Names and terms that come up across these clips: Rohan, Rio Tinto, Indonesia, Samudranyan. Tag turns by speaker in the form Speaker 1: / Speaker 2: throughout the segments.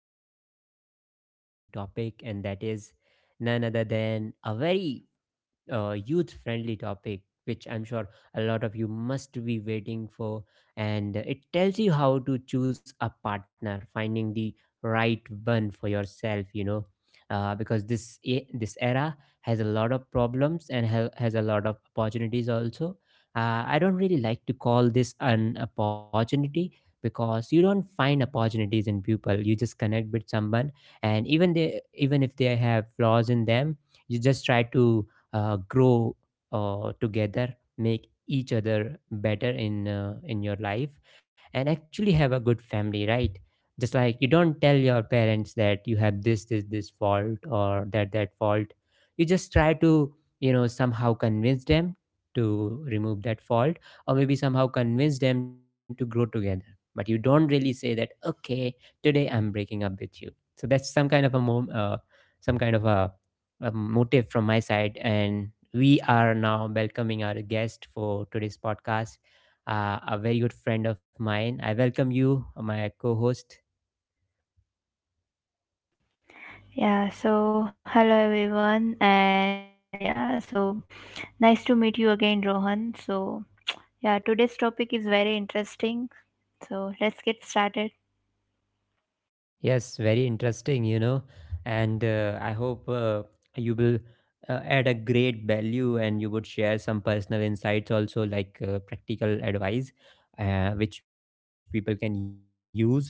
Speaker 1: we have a really interesting topic, and that is none other than a very youth friendly topic, which I'm sure a lot of you must be waiting for, and it tells you how to choose a partner, finding the right one for yourself. Because this this era has a lot of problems, and has a lot of opportunities also. I don't really like to call this an opportunity, because you don't find opportunities in people. You just connect with someone, and even if they have flaws in them, you just try to grow together, make each other better in your life, and actually have a good family, right? Just like you don't tell your parents that you have this fault or that fault. You just try to, you know, somehow convince them to remove that fault, or maybe somehow convince them to grow together, but you don't really say that, okay, today I'm breaking up with you. So that's some kind of a motive from my side. And we are now welcoming our guest for today's podcast, a very good friend of mine. I welcome you, my co host.
Speaker 2: Yeah, so hello everyone, and yeah, so nice to meet you again, Rohan. So, yeah, today's topic is very interesting. So, let's get started.
Speaker 1: Yes, very interesting, you know. And I hope you will add a great value, and you would share some personal insights also, like practical advice, which people can use actually. So you know,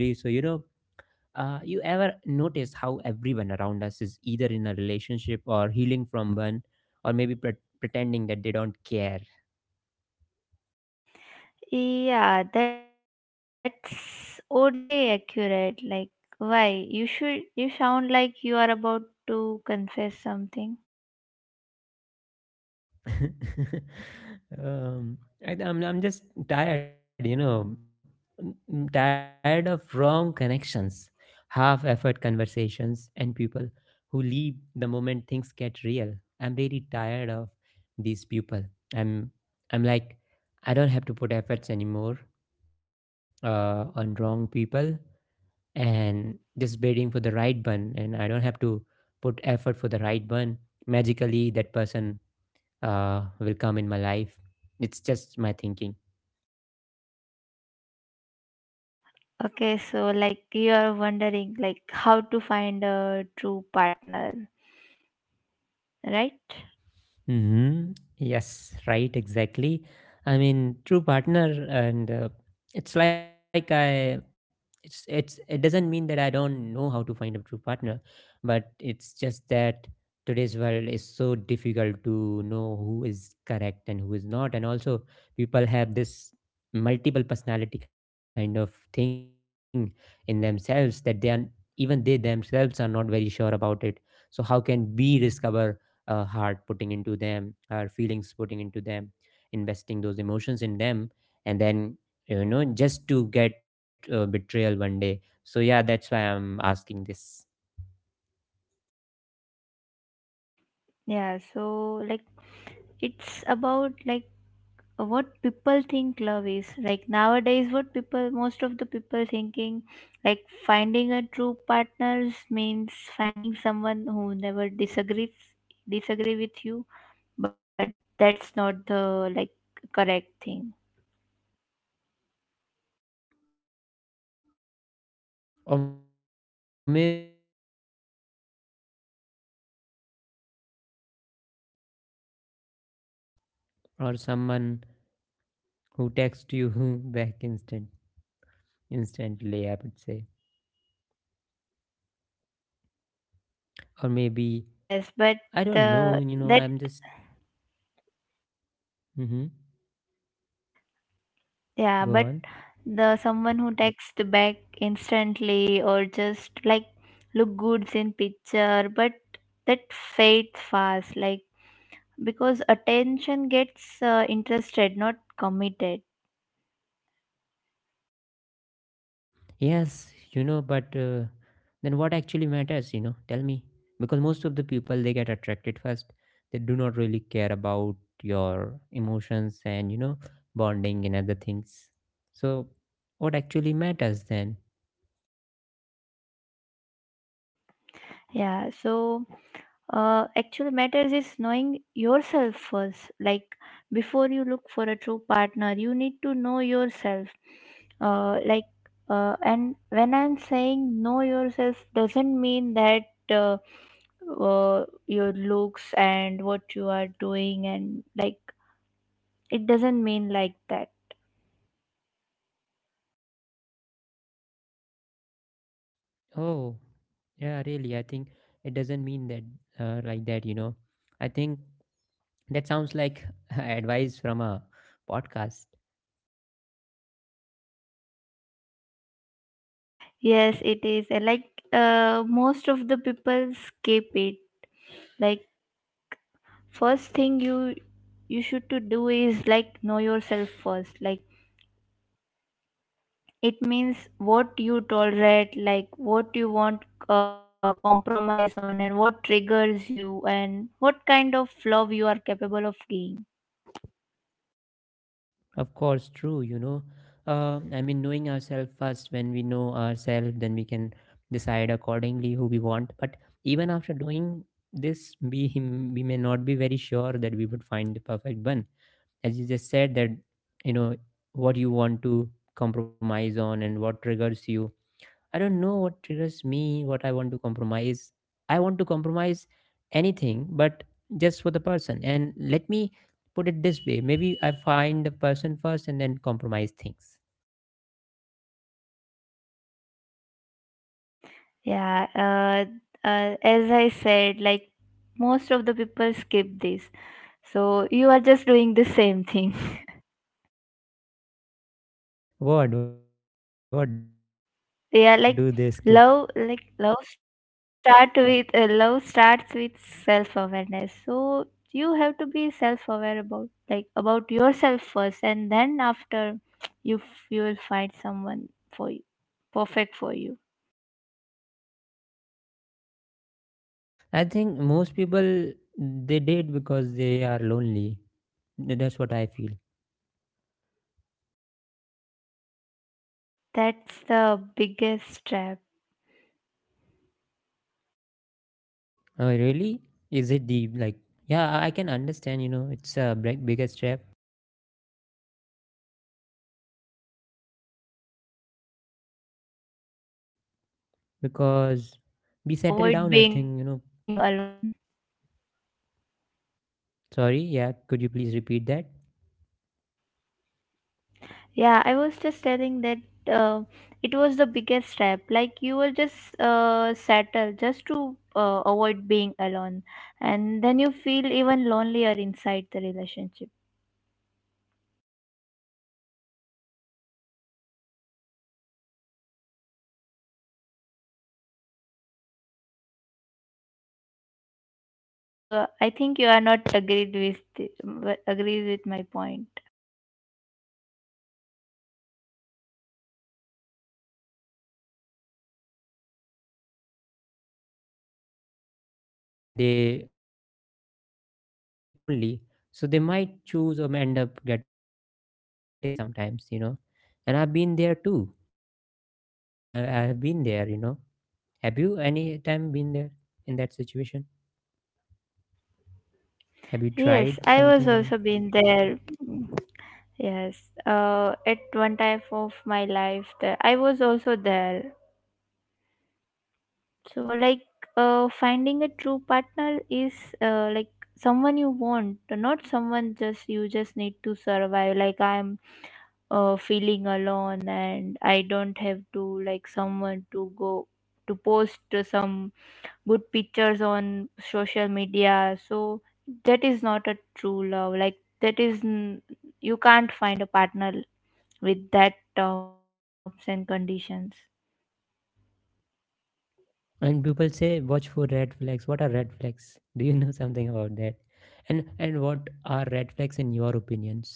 Speaker 1: You ever notice how everyone around us is either in a relationship or healing from one, or maybe pretending that they don't care?
Speaker 2: Yeah, that's oddly accurate. Like, why? You sound like you are about to confess something.
Speaker 1: um, I, am I'm just tired, you know. I'm tired of wrong connections, half effort conversations, and people who leave the moment things get real. I'm really tired of these people. I'm I'm like, I don't have to put efforts anymore on wrong people, and just waiting for the right one. And I don't have to put effort for the right one. Magically, that person will come in my life. It's just my thinking.
Speaker 2: Okay, so like you are wondering, like, how to find a true partner, right?
Speaker 1: Hmm. Yes, right, exactly. I mean, true partner, and it's like I, it's it doesn't mean that I don't know how to find a true partner, but it's just that today's world is so difficult to know who is correct and who is not. And also, people have this multiple personality kind of thing in themselves, that they are, even they themselves are not very sure about it. So how can we discover, heart putting into them, our feelings putting into them, investing those emotions in them, and then, you know, just to get betrayal one day. So yeah, that's why I'm asking this.
Speaker 2: Yeah, so, like, it's about, like, what people think love is, like, nowadays. What people, most of the people thinking, like, finding a true partners means finding someone who never disagree with you. But that's not, the like correct thing.
Speaker 1: Or maybe someone who looks good in pictures, or someone who texts you back instantly, I would say. Or maybe,
Speaker 2: Yes, but
Speaker 1: I don't
Speaker 2: uh,
Speaker 1: know, you know,
Speaker 2: that.
Speaker 1: I'm just. Hmm.
Speaker 2: Yeah, but
Speaker 1: Go on.
Speaker 2: the someone who texts back instantly or just, like, look good in picture, but that fades fast, like, because attention gets interested, not committed.
Speaker 1: Yes, you know, but then what actually matters, you know? Tell me. Because most of the people, they get attracted first. They do not really care about your emotions and, you know, bonding and other things. So, what actually matters then?
Speaker 2: Yeah, so actual matters is knowing yourself first, like, before you look for a true partner you need to know yourself, like, and when I'm saying know yourself doesn't mean that uh, uh, your looks and what you are doing and, like, it doesn't mean, like, that.
Speaker 1: Oh, yeah, really. I think it doesn't mean that like that, you know. I think that sounds like advice from a podcast.
Speaker 2: Yes, it is, like, most of the people skip it. Like, first thing you should to do is, like, know yourself first. Like, it means what you tolerate, like, what you want, compromise on, and what triggers you and what kind of love you are capable of giving.
Speaker 1: Of course, true. You know, I mean, knowing ourselves first, when we know ourselves, then we can decide accordingly who we want. But even after doing this, we may not be very sure that we would find the perfect one. As you just said, that, you know, what you want to compromise on and what triggers you. I don't know what triggers me, what I want to compromise. I want to compromise anything, but just for the person. And let me put it this way, maybe I find the person first and then compromise things.
Speaker 2: Yeah, as I said, like, most of the people skip this, so you are just doing the same thing.
Speaker 1: What do they skip?
Speaker 2: Yeah, like, love, like, love start with, love starts with self awareness. So you have to be self aware about, like, about yourself first, and then after you will find someone for you, perfect for you.
Speaker 1: I think most people, they date because they are lonely. That's what I feel.
Speaker 2: That's the biggest trap.
Speaker 1: Oh, really? Is it the like, yeah, I can understand, you know, it's a biggest trap,
Speaker 2: You just settle to being
Speaker 1: because
Speaker 2: alone,
Speaker 1: we settle down, I
Speaker 2: avoid being
Speaker 1: think, you know.
Speaker 2: alone.
Speaker 1: Sorry, yeah, could you please repeat that?
Speaker 2: Yeah, I was just telling that it was the biggest step. Like, you were just settled just to avoid being alone, and then you feel even lonelier inside the relationship.
Speaker 1: Of course, you know, that happens a lot, you know. Most of the time, this happens.
Speaker 2: You, I think you are not agreed with
Speaker 1: I don't know
Speaker 2: agrees with my
Speaker 1: why, but
Speaker 2: point.
Speaker 1: happens a lot. I would say, you know, I think when people are like, let's say they are settling down for someone, and they, before that, they are feeling lonely. So they might choose or end up getting a wrong person, maybe sometimes, you know. And I've been there too, that situation. I've been there, you know. Have you any time been there in that situation? Have you tried
Speaker 2: Yes, I
Speaker 1: something like
Speaker 2: was
Speaker 1: that?
Speaker 2: also been there. Mm. Yes, at one time of my life, that I was also there. So, like, finding a true partner is, like, someone you want, not someone just you just need to survive. Like, I'm feeling alone and I don't have to like someone to go to post some good pictures on social media. So, that is not a true love. Like, that is n- you can't find a partner with that terms and conditions.
Speaker 1: And people say watch for red flags. What are red flags? Do you know something about that? And what are red flags in your opinions?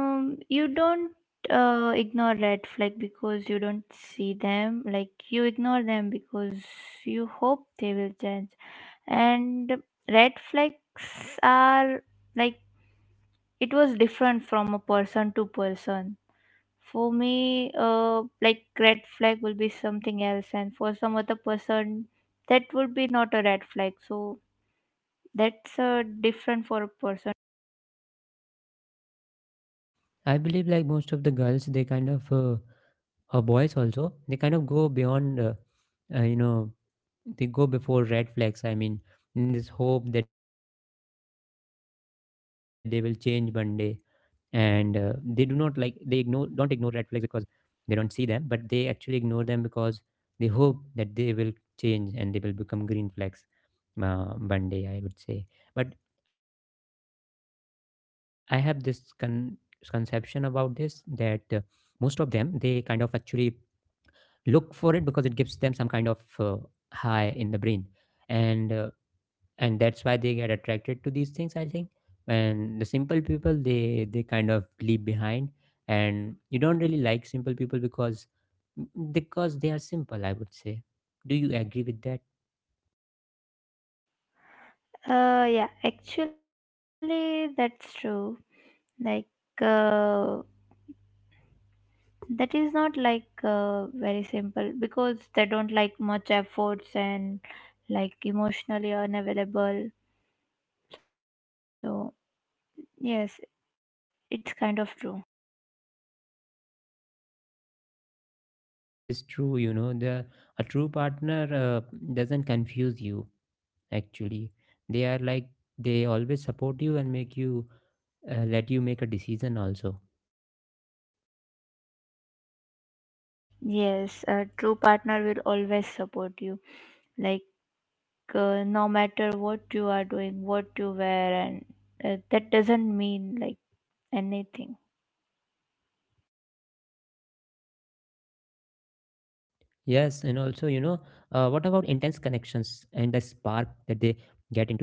Speaker 2: You don't, ignore red flag because you don't see them, like, you ignore them because you hope they will change. And red flags are, like, it was different from a person to person. For me, like, red flag will be something else, and for some other person that would be not a red flag. So that's different for a person.
Speaker 1: I believe like most of the girls, they kind of, or boys also, they kind of go beyond. You know, they go before red flags. I mean, in this hope that they will change one day, and they do not like they ignore, don't ignore red flags because they don't see them, but they actually ignore them because they hope that they will change and they will become green flags uh, one day, I would say. But I have this conception about this, that most of them, they kind of actually look for it because it gives them some kind of high in the brain. And uh, and that's why they get attracted to these things, I think. And the simple people, they kind of leave behind. And you don't really like simple people because they are simple, I would say. Do you agree with that?
Speaker 2: Yeah, actually that's true. Like, uh, that is not, like, very simple because they don't like much efforts and, like, emotionally unavailable. So, yes, it's kind of true.
Speaker 1: Yes, yes, it is true, you know. The a true partner doesn't confuse you, actually. They are like, they always support you and make you, let you make a decision also.
Speaker 2: Yes, a true partner will always support you. Like, no matter what you are doing, what you wear, and that doesn't mean, like, anything.
Speaker 1: Yes, and also, you know, what about intense connections and the spark that they get into those intense connections?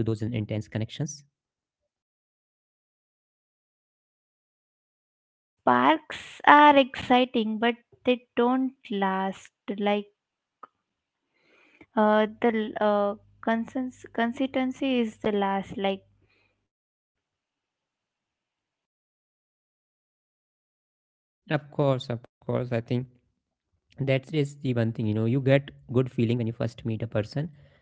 Speaker 2: Sparks are exciting but they don't last. Like, uh the uh consistency is the last, like.
Speaker 1: Of course, of course. I think that is the one thing, you know, you get good feeling when you first meet a person and you get that spark, but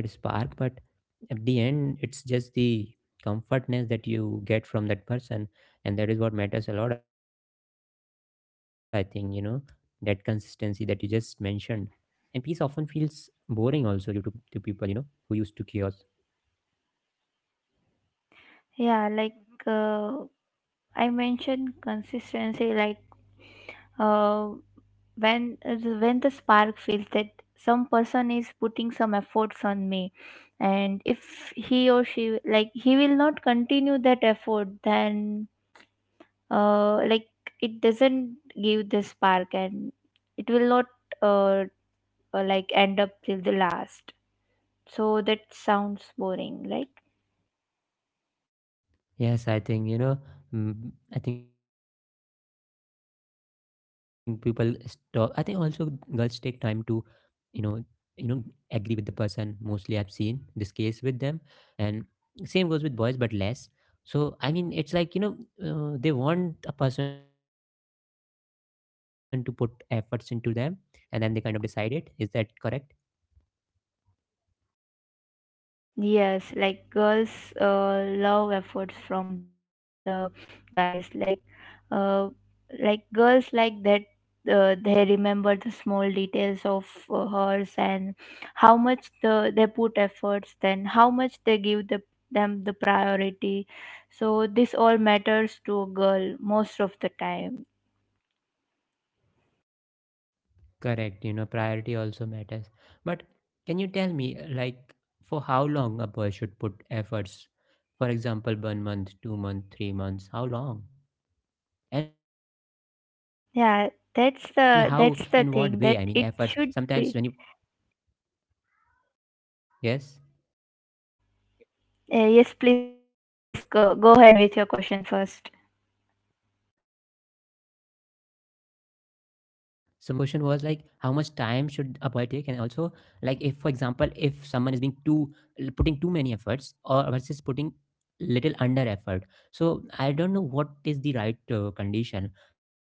Speaker 1: at the end, it's just the comfortness that you get from that person, and that is what matters a lot, I think, you know, that consistency that you just mentioned. And peace often feels boring also, you to people, you know, who used to chaos.
Speaker 2: Yeah, like, uh, I mentioned consistency. Like, uh when uh, when the spark feels that some person is putting some efforts on me, and if he or she, like, he will not continue that effort, then like, it doesn't give the spark and it will not uh, like end up till the last. So that sounds boring. Like.
Speaker 1: Yes, I think you know, mm, I think people stop, I think also girls take time to, you know you know agree with the person mostly, I've seen this case with them. And same goes with boys, but less. So I mean, it's like, you know, they want a person to put efforts into them, and then they kind of decide, it is that correct?
Speaker 2: Yes, like, girls love efforts from the guys. Like, uh, like, girls like that. They remember the small details of hers, and how much they put efforts. Then how much they give the them the priority. So this all matters to a girl most of the time.
Speaker 1: Correct, you know, priority also matters, but can you tell me, like, for how long a boy should put efforts? For example, one month, 2 months, 3 months, how long, and how, in what way? I mean,
Speaker 2: Yeah,
Speaker 1: efforts
Speaker 2: that's
Speaker 1: sometimes when you.
Speaker 2: the that's the thing that it should be.
Speaker 1: Yes.
Speaker 2: Yes, please go ahead with your question first.
Speaker 1: So my question was, like, how much time should a boy take, and also, like, if for example if someone is being too putting too many efforts, or versus putting little under effort. So I don't know what is the right condition. How, I mean,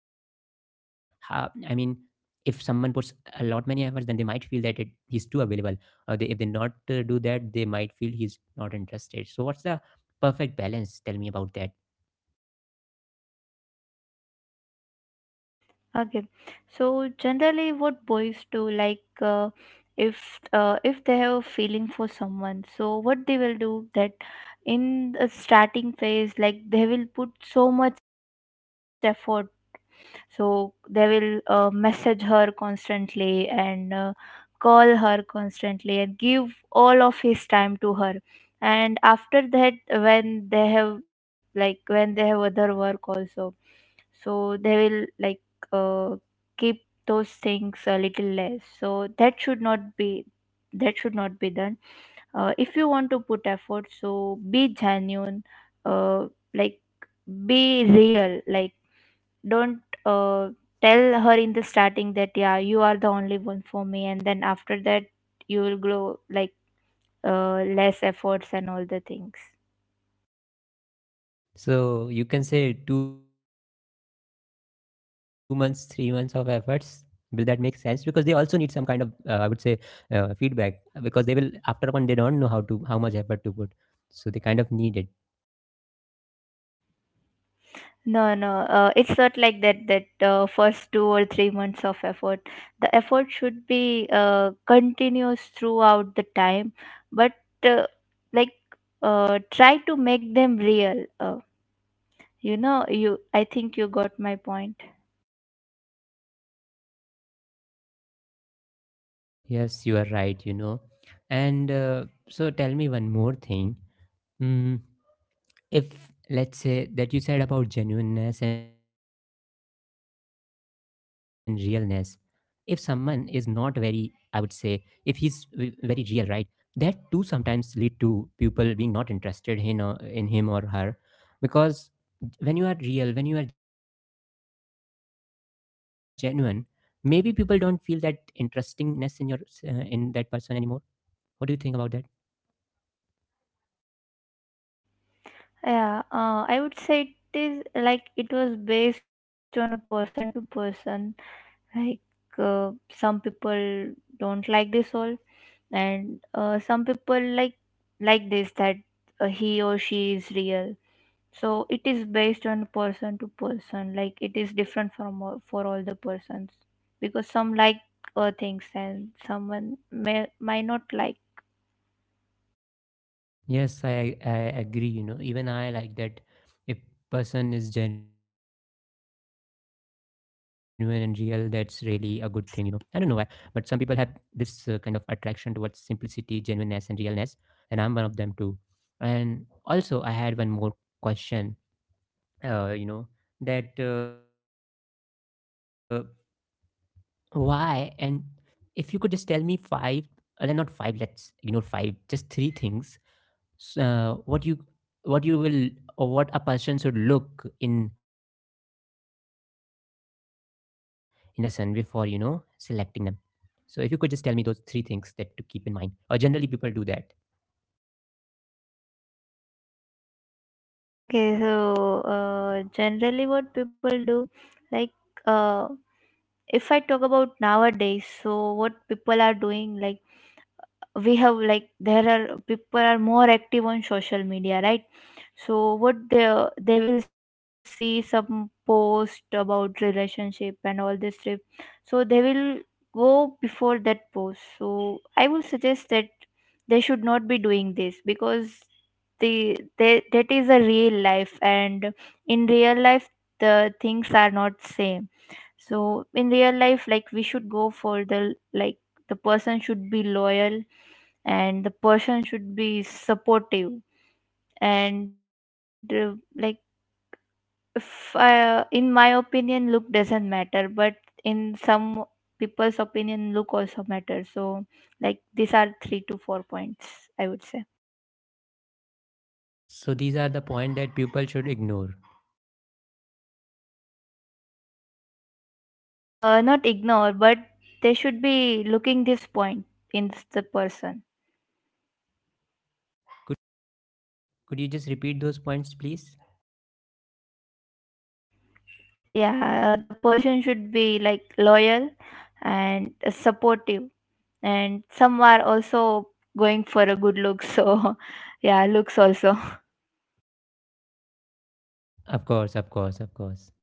Speaker 1: if someone puts a lot many efforts, then they might feel that it he's too available, or they, if they not do that, they might feel he's not interested. So what's the perfect balance? Tell me about that.
Speaker 2: Okay. So generally, what boys do, like, uh, if if they have a feeling for someone, so what they will do that in the starting phase, like, they will put so much effort. So they will, message her constantly, and call her constantly, and give all of his time to her. And after that, when they have, like, when they have other work also, so they will, like, uh, keep those things a little less. So that should not be done. If you want to put effort, so be genuine, uh, like, be real. Like, don't uh, tell her in the starting that yeah, you are the only one for me, and then after that you will grow, like, less efforts and all the things.
Speaker 1: So you can say 2 months, 3 months of efforts. Will that make sense? Because they also need some kind of, I would say, feedback. Because they will, after a point, they don't know how much effort to put. So they kind of need it.
Speaker 2: No, no, it's not like that, that first 2 or 3 months of effort, the effort should be continuous throughout the time. But uh, like, try to make them real. Uh, you know you I think you got my point.
Speaker 1: Yes, you are right. You know, and so tell me one more thing. Mm, if, let's say that you said about genuineness and realness, if someone is not very, I would say, if he's very real, right? That too sometimes lead to people being not interested in, or in him or her, because when you are real, when you are genuine, maybe people don't feel that interestingness in your in that person anymore. What do you think about that?
Speaker 2: Yeah, I would say it is, like, it was based on a person to person. Like, uh, some people don't like this all, and some people like this, that he or she is real. So it is based on person to person. Like, it is different from all, for all the persons, because some like things and someone may might not like.
Speaker 1: Yes, I agree. You know, even I like that if person is genuine and real, that's really a good thing. I don't know why, but some people have
Speaker 2: Yes.
Speaker 1: this kind of attraction towards simplicity, genuineness, and realness, and I'm one of them too. And also, I had one more question. Uh, you know, that, why, and if you could just tell me five, not five, let's ignore five, just three things, what you, what you will, or what a person should look in in a person, before selecting them. So if you could just tell me those three things, that to keep in mind, or generally people do that.
Speaker 2: Okay, so, generally, what people do, like, uh, if I talk about nowadays, so what people are doing, like, we have, like, there are people are more active on social media, right? So what they will see some post about relationship and all this trip. So they will go before that post, so I will suggest that they should not be doing this because that is a real life. And in real life the things are not same. So in real life, like, we should go for the, like, the person should be loyal, and the person should be supportive, and like, if in my opinion look doesn't matter, but in some people's opinion look also matters. So, like, these are three to four points, I would say.
Speaker 1: So these are the point that people should ignore.
Speaker 2: Not ignore, but they should be looking this point in the person.
Speaker 1: Could could you just repeat those points, please?
Speaker 2: Yeah, the person should be, like, loyal and supportive, and some are also going for a good look, so yeah, looks also.
Speaker 1: Of course, of course, of course.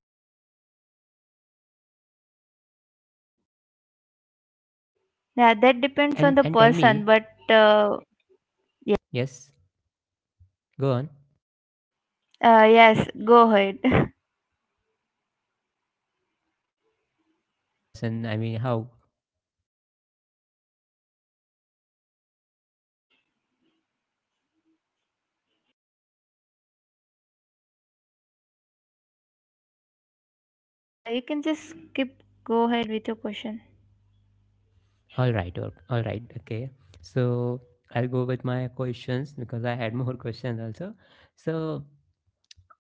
Speaker 1: and
Speaker 2: Yeah,
Speaker 1: and tell
Speaker 2: that
Speaker 1: me.
Speaker 2: depends on the person, but uh,
Speaker 1: Yes, go on.
Speaker 2: yes, go ahead.
Speaker 1: You said that depends on the person. I mean, how—
Speaker 2: You can just keep go ahead with your question.
Speaker 1: All right, all right, okay. So I'll go with my questions because I had more questions also. So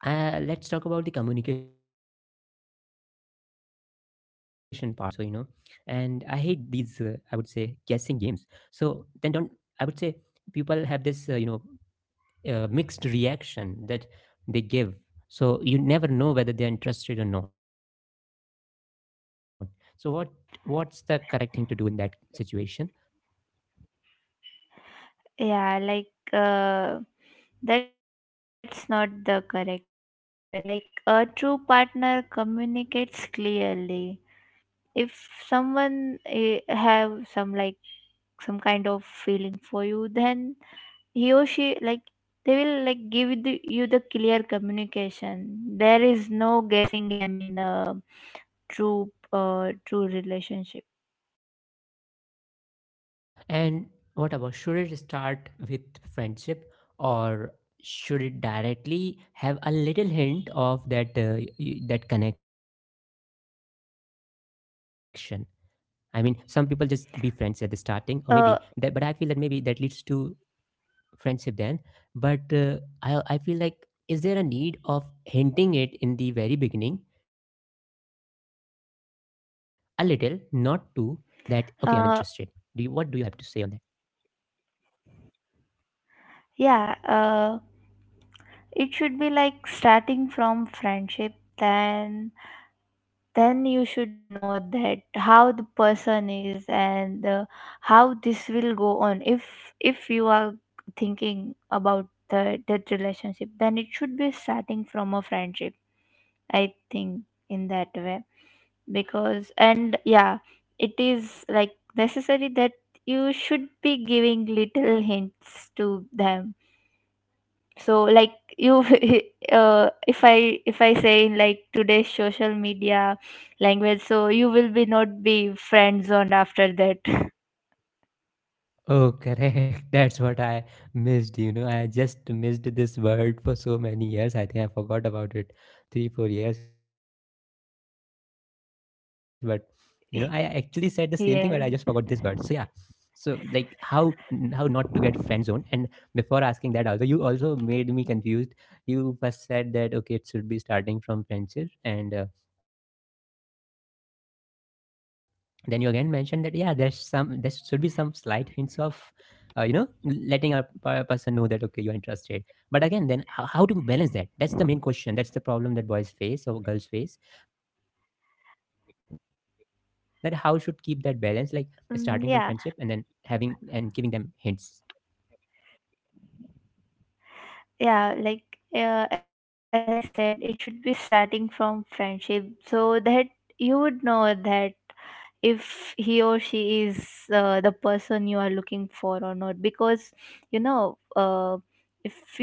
Speaker 1: let's talk about the communication part also, you know. And I hate these, I would say, guessing games. So then don't, I would say, people have this, mixed reaction that they give. So you never know whether they're interested or not. So what's the correct thing to do in that situation?
Speaker 2: Yeah, like, uh that's not the correct way. Like, a true partner communicates clearly. If someone have some, like, some kind of feeling for you, then he or she, like, they will, like, give the, you the clear communication. There is no guessing game in a true true relationship.
Speaker 1: And what about, should it start with friendship, or should it directly have a little hint of that, that connection? I mean, some people just be friends at the starting, or maybe that. But I feel that maybe
Speaker 2: uh
Speaker 1: that leads to friendship then. But I feel like, is there a need of hinting it in the very beginning, a little, not too, that okay, I'm interested. Do you what do you have to say
Speaker 2: uh
Speaker 1: on that?
Speaker 2: yeah, it should be like starting from friendship. Then, you should know that how the person is, and how this will go on. If you are thinking about the that relationship, then it should be starting from a friendship, I think, in that way. Because, and yeah, it is, like, necessary that you should be giving little hints to them. So, like, you if I say in, like, today's social media language, so you will be not be friend zoned after that.
Speaker 1: Oh, correct. That's what I missed. I just missed this word for so many years. I think I forgot about it 3 or 4 years. But, I actually said the same thing, but I just forgot this word. So, yeah.
Speaker 2: Yeah.
Speaker 1: So, like, how not to get friend zoned? And before asking that, also, you also made me confused. You first said that, okay, it should be starting from friendship and then you again mentioned that yeah, there should be some slight hints of, letting a person know that okay, you are interested. But again, then how to balance that. That's the main question. That's the problem that boys face or girls face, that how should keep that balance, like starting from friendship and then having and giving
Speaker 2: Mm,
Speaker 1: them
Speaker 2: yeah,
Speaker 1: hints.
Speaker 2: yeah, like, as I said, it should be starting from friendship, so that you would know that if he or she is, the person you are looking for or not. Because, you know uh,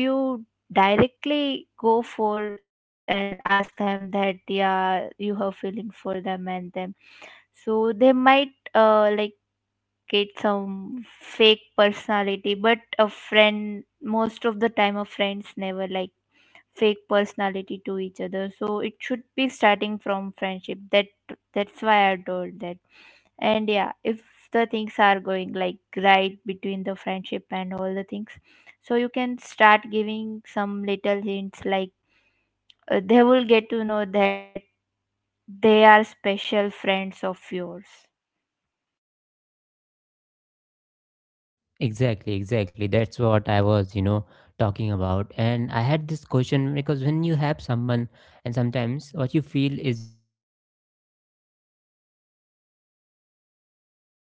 Speaker 2: if you directly go for and ask them that yeah, you have feelings for them and them, so they might like, get some fake personality. But a friend most of the time a friend is never, like, fake personality to each other. So it should be starting from friendship, that that's why I told that. And yeah, if the things are going, like, right between the friendship and all the things, so you can start giving some little hints, like, they will get to know that they are special friends of yours.
Speaker 1: Exactly, exactly. That's what I was, talking about. And I had this question because when you have someone, and sometimes what you feel is just that you don't want to lose the existing connection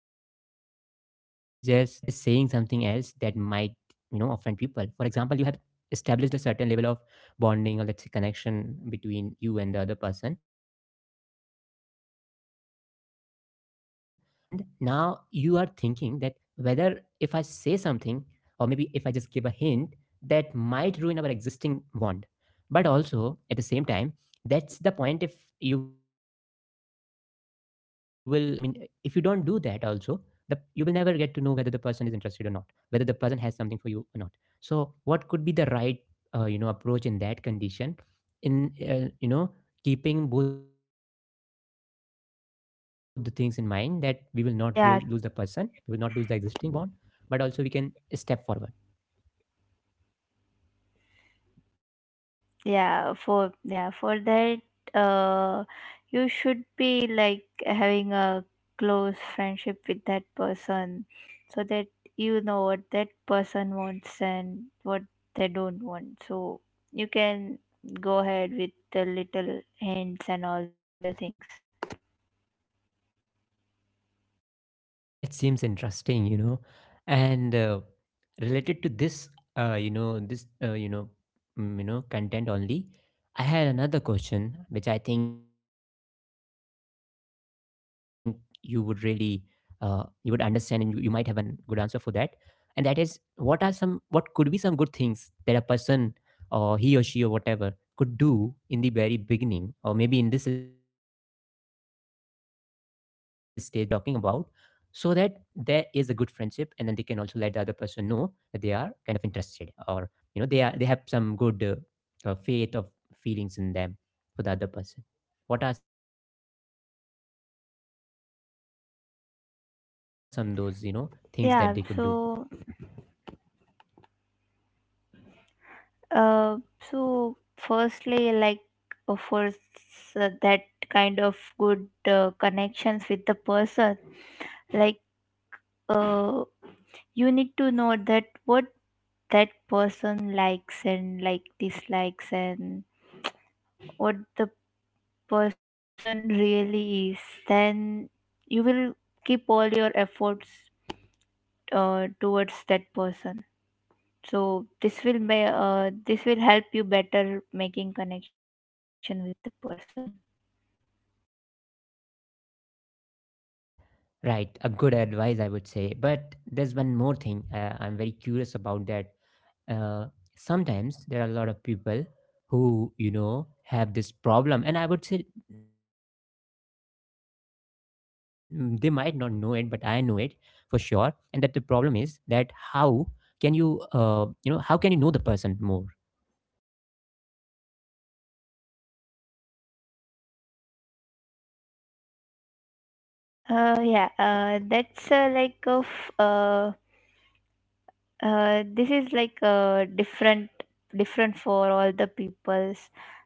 Speaker 1: by just saying something else that might offend people. For example, you have established a certain level of bonding, or let's say, connection between you and the other person, and now you are thinking that, whether if I say something, or maybe if I just give a hint, that might ruin our existing bond. But also at the same time, that's the point. If you will I mean, if you don't do that also, the you will never get to know whether the person is interested or not, whether the person has something for you or not. So what could be the right, approach in that condition, in, keeping both the things in mind, that we will not lose the person, we will not lose the existing bond, but
Speaker 2: Yeah,
Speaker 1: also we can step forward.
Speaker 2: yeah, for yeah, for that, uh you should be, like, having a close friendship with that person, so that you know what that person wants and what they don't want, so you can go ahead with the little hints and all the things.
Speaker 1: Oh, that seems interesting. And related to this, uh, you know, this, uh, you know, content only, I had another question which I think you would really, uh, you would understand, and you might have a good answer for that. And that is, what could be some good things that a person, or he or she or whatever, could do in the very beginning, or maybe in this stage that we are talking about, so that there is a good friendship and then they can also let the other person know that they are kind of interested, or they have some good faith of feelings in them for the other person. What are some those things that they could do?
Speaker 2: Yeah, so, uh so firstly, like, of course, that kind of good connections with the person. Like, uh, you need to know that what that person likes and, like, dislikes, and what the person really is. Then you will keep all your efforts towards that person. So this will help you better making connection with the person.
Speaker 1: Oh, got it. Right, a good advice, I would say. But there's one more thing, I'm very curious about that. uh, Sometimes there are a lot of people who have this problem, and I would say, they might not know it, but I know it for sure. And that the problem is that how can you know the person more.
Speaker 2: Yeah, that's, this is, like, different, different for all the peoples.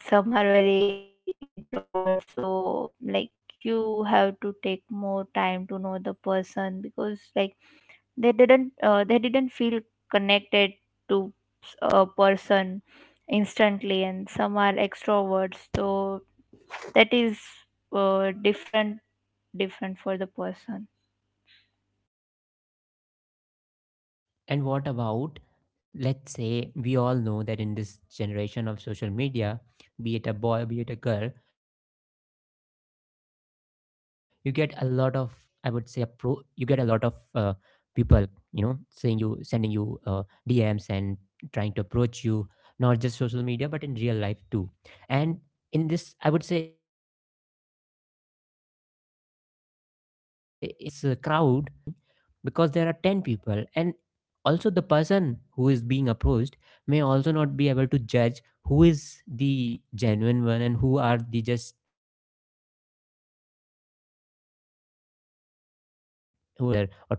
Speaker 2: Like, some are very introvert. So, like, you have to take more time to know the person because, like, they didn't feel connected to a person instantly. And some are extroverts, so that is different, different for the person.
Speaker 1: And what about, let's say, we all know that in this generation of social media, be it a boy, be it a girl, you get a lot of, I would say, a pro, you get a lot of people, sending you DMs and trying to approach you, not just social media, but in real life too. And in this, I would say, in this crowd, the right person might not be able to express his or her feeling, because there are 10 people, and also the person who is being approached may also not be able to judge who is the genuine one and who are just trying, and just like they try on any other or tens of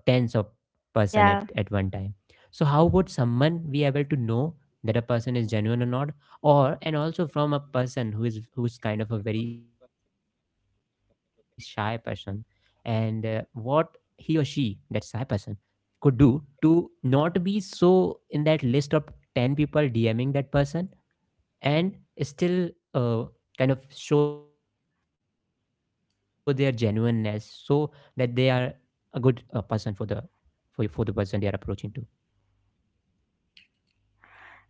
Speaker 1: person at
Speaker 2: Yeah.
Speaker 1: one time. So how would someone be able to know that a person is genuine or not, or and also from a person who's kind of a very shy person, and what he or she, that shy person, could do to not be so in that list of 10 people DMing that person, and still uh, kind of show their genuineness, so that they are a good person for the person they are approaching to.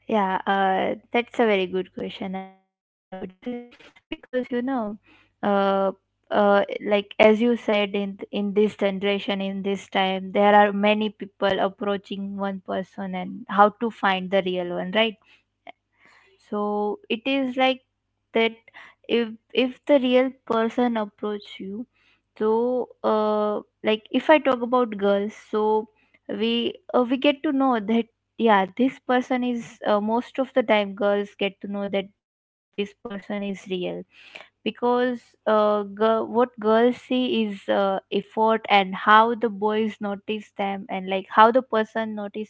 Speaker 2: Yeah, that's a very good question, I would say, because, uh, uh, like, as you said, in this generation, in this time, there are many people approaching one person, and how to find the real one, right? So it is, like, that if the real person approach you. So, like, if I talk about girls, so we get to know that yeah, this person is, most of the time girls get to know that this person is real. Because, what girls see is effort and how the boys notice them, and like, how the person notice them,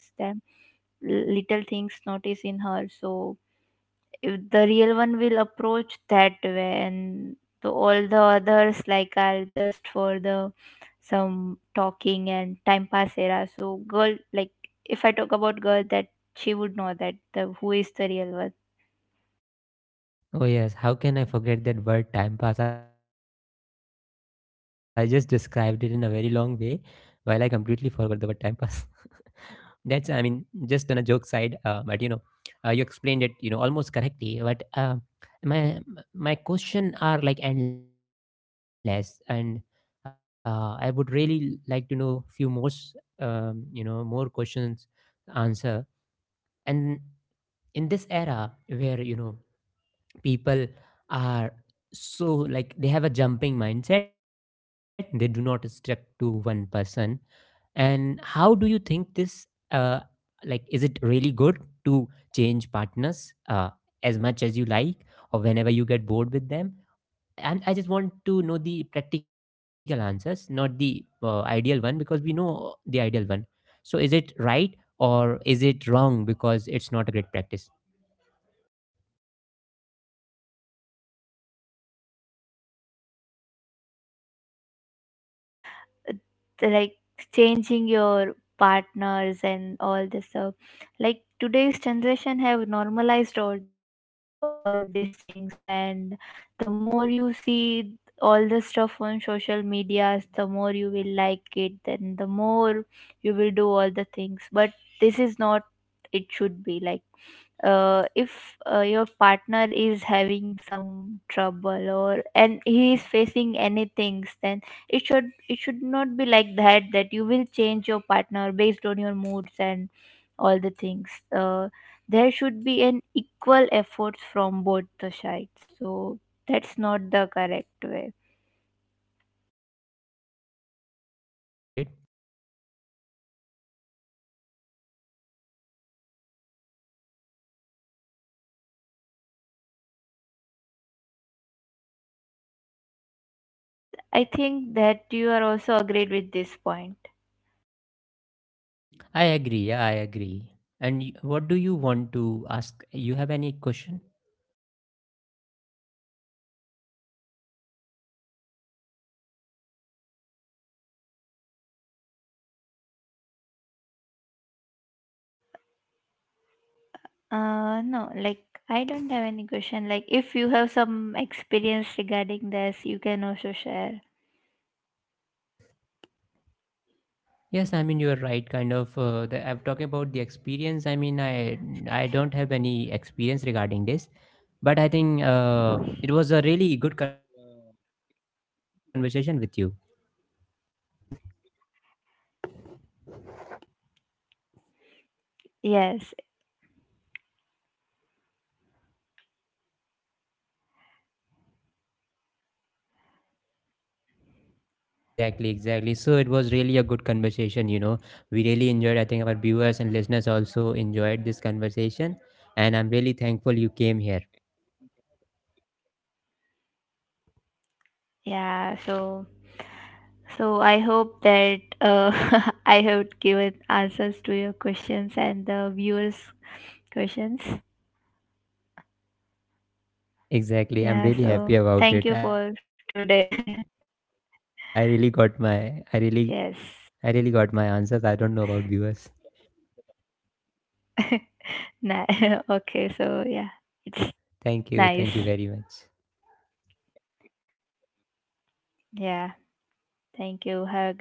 Speaker 2: little things notice in her. So if the real one will approach that way, and all the others, like, are just for the some talking and time pass era. So girl, like, if I talk about girl, that she would know that the who is the real one.
Speaker 1: Oh, yes. How can I forget that word, time pass? I just described it in a very long way while I completely forgot the word time pass. That's, I mean, just on a joke side, but you explained it, almost correctly. But my my question are like endless, and I would really like to know few more, s- you know, more questions to answer. And in this era where people are so, like, they have a jumping mindset, they do not stick to one person. And how do you think this, uh like, is it really good to change partners as much as you like, or whenever you get bored with them? And I just want to know the practical answers, not the ideal one, because we know the ideal one. So is it right or is it wrong, because it's not a great practice?
Speaker 2: Yeah, it is totally wrong, I would say. Because, uh, like, changing your partners and all this stuff, like, today's generation have normalized all these things. And the more you see all the stuff on social medias, the more you will like it, and the more you will do all the things. But this is not, it should be, like, if your partner is having some trouble or and he is facing anything, then it should not be like that, that you will change your partner based on your moods and all the things. uh, there should be an equal efforts from both the sides. So that's not the correct way.
Speaker 1: Tell me more about it.
Speaker 2: I think that you are also agreed with this point.
Speaker 1: I agree. Yeah, I agree. And what do you want to ask? You have any question?
Speaker 2: No, like, I don't have any question. Like, if you have some experience regarding this, you can also share.
Speaker 1: Yes, I mean, you're right. Kind of. I'm talking about the experience. I mean, I don't have any experience regarding this, but I think it was a really good conversation with you.
Speaker 2: Yes,
Speaker 1: Exactly, exactly. So it was really a good conversation. We really enjoyed. I think our viewers and listeners also enjoyed this conversation, and I'm really thankful you came here.
Speaker 2: yeah. So, I hope that I have given answers to your questions and the viewers' questions.
Speaker 1: Exactly, I'm really
Speaker 2: Yeah.
Speaker 1: happy
Speaker 2: So,
Speaker 1: about it.
Speaker 2: thank
Speaker 1: I
Speaker 2: you
Speaker 1: really
Speaker 2: for
Speaker 1: got my.
Speaker 2: today.
Speaker 1: I really I really got my answers. I don't know about
Speaker 2: Yes.
Speaker 1: viewers.
Speaker 2: Nah. Okay. So, yeah,
Speaker 1: Thank you.
Speaker 2: it's
Speaker 1: Thank you
Speaker 2: nice.
Speaker 1: very much.
Speaker 2: Yeah. Thank you. Have a good time.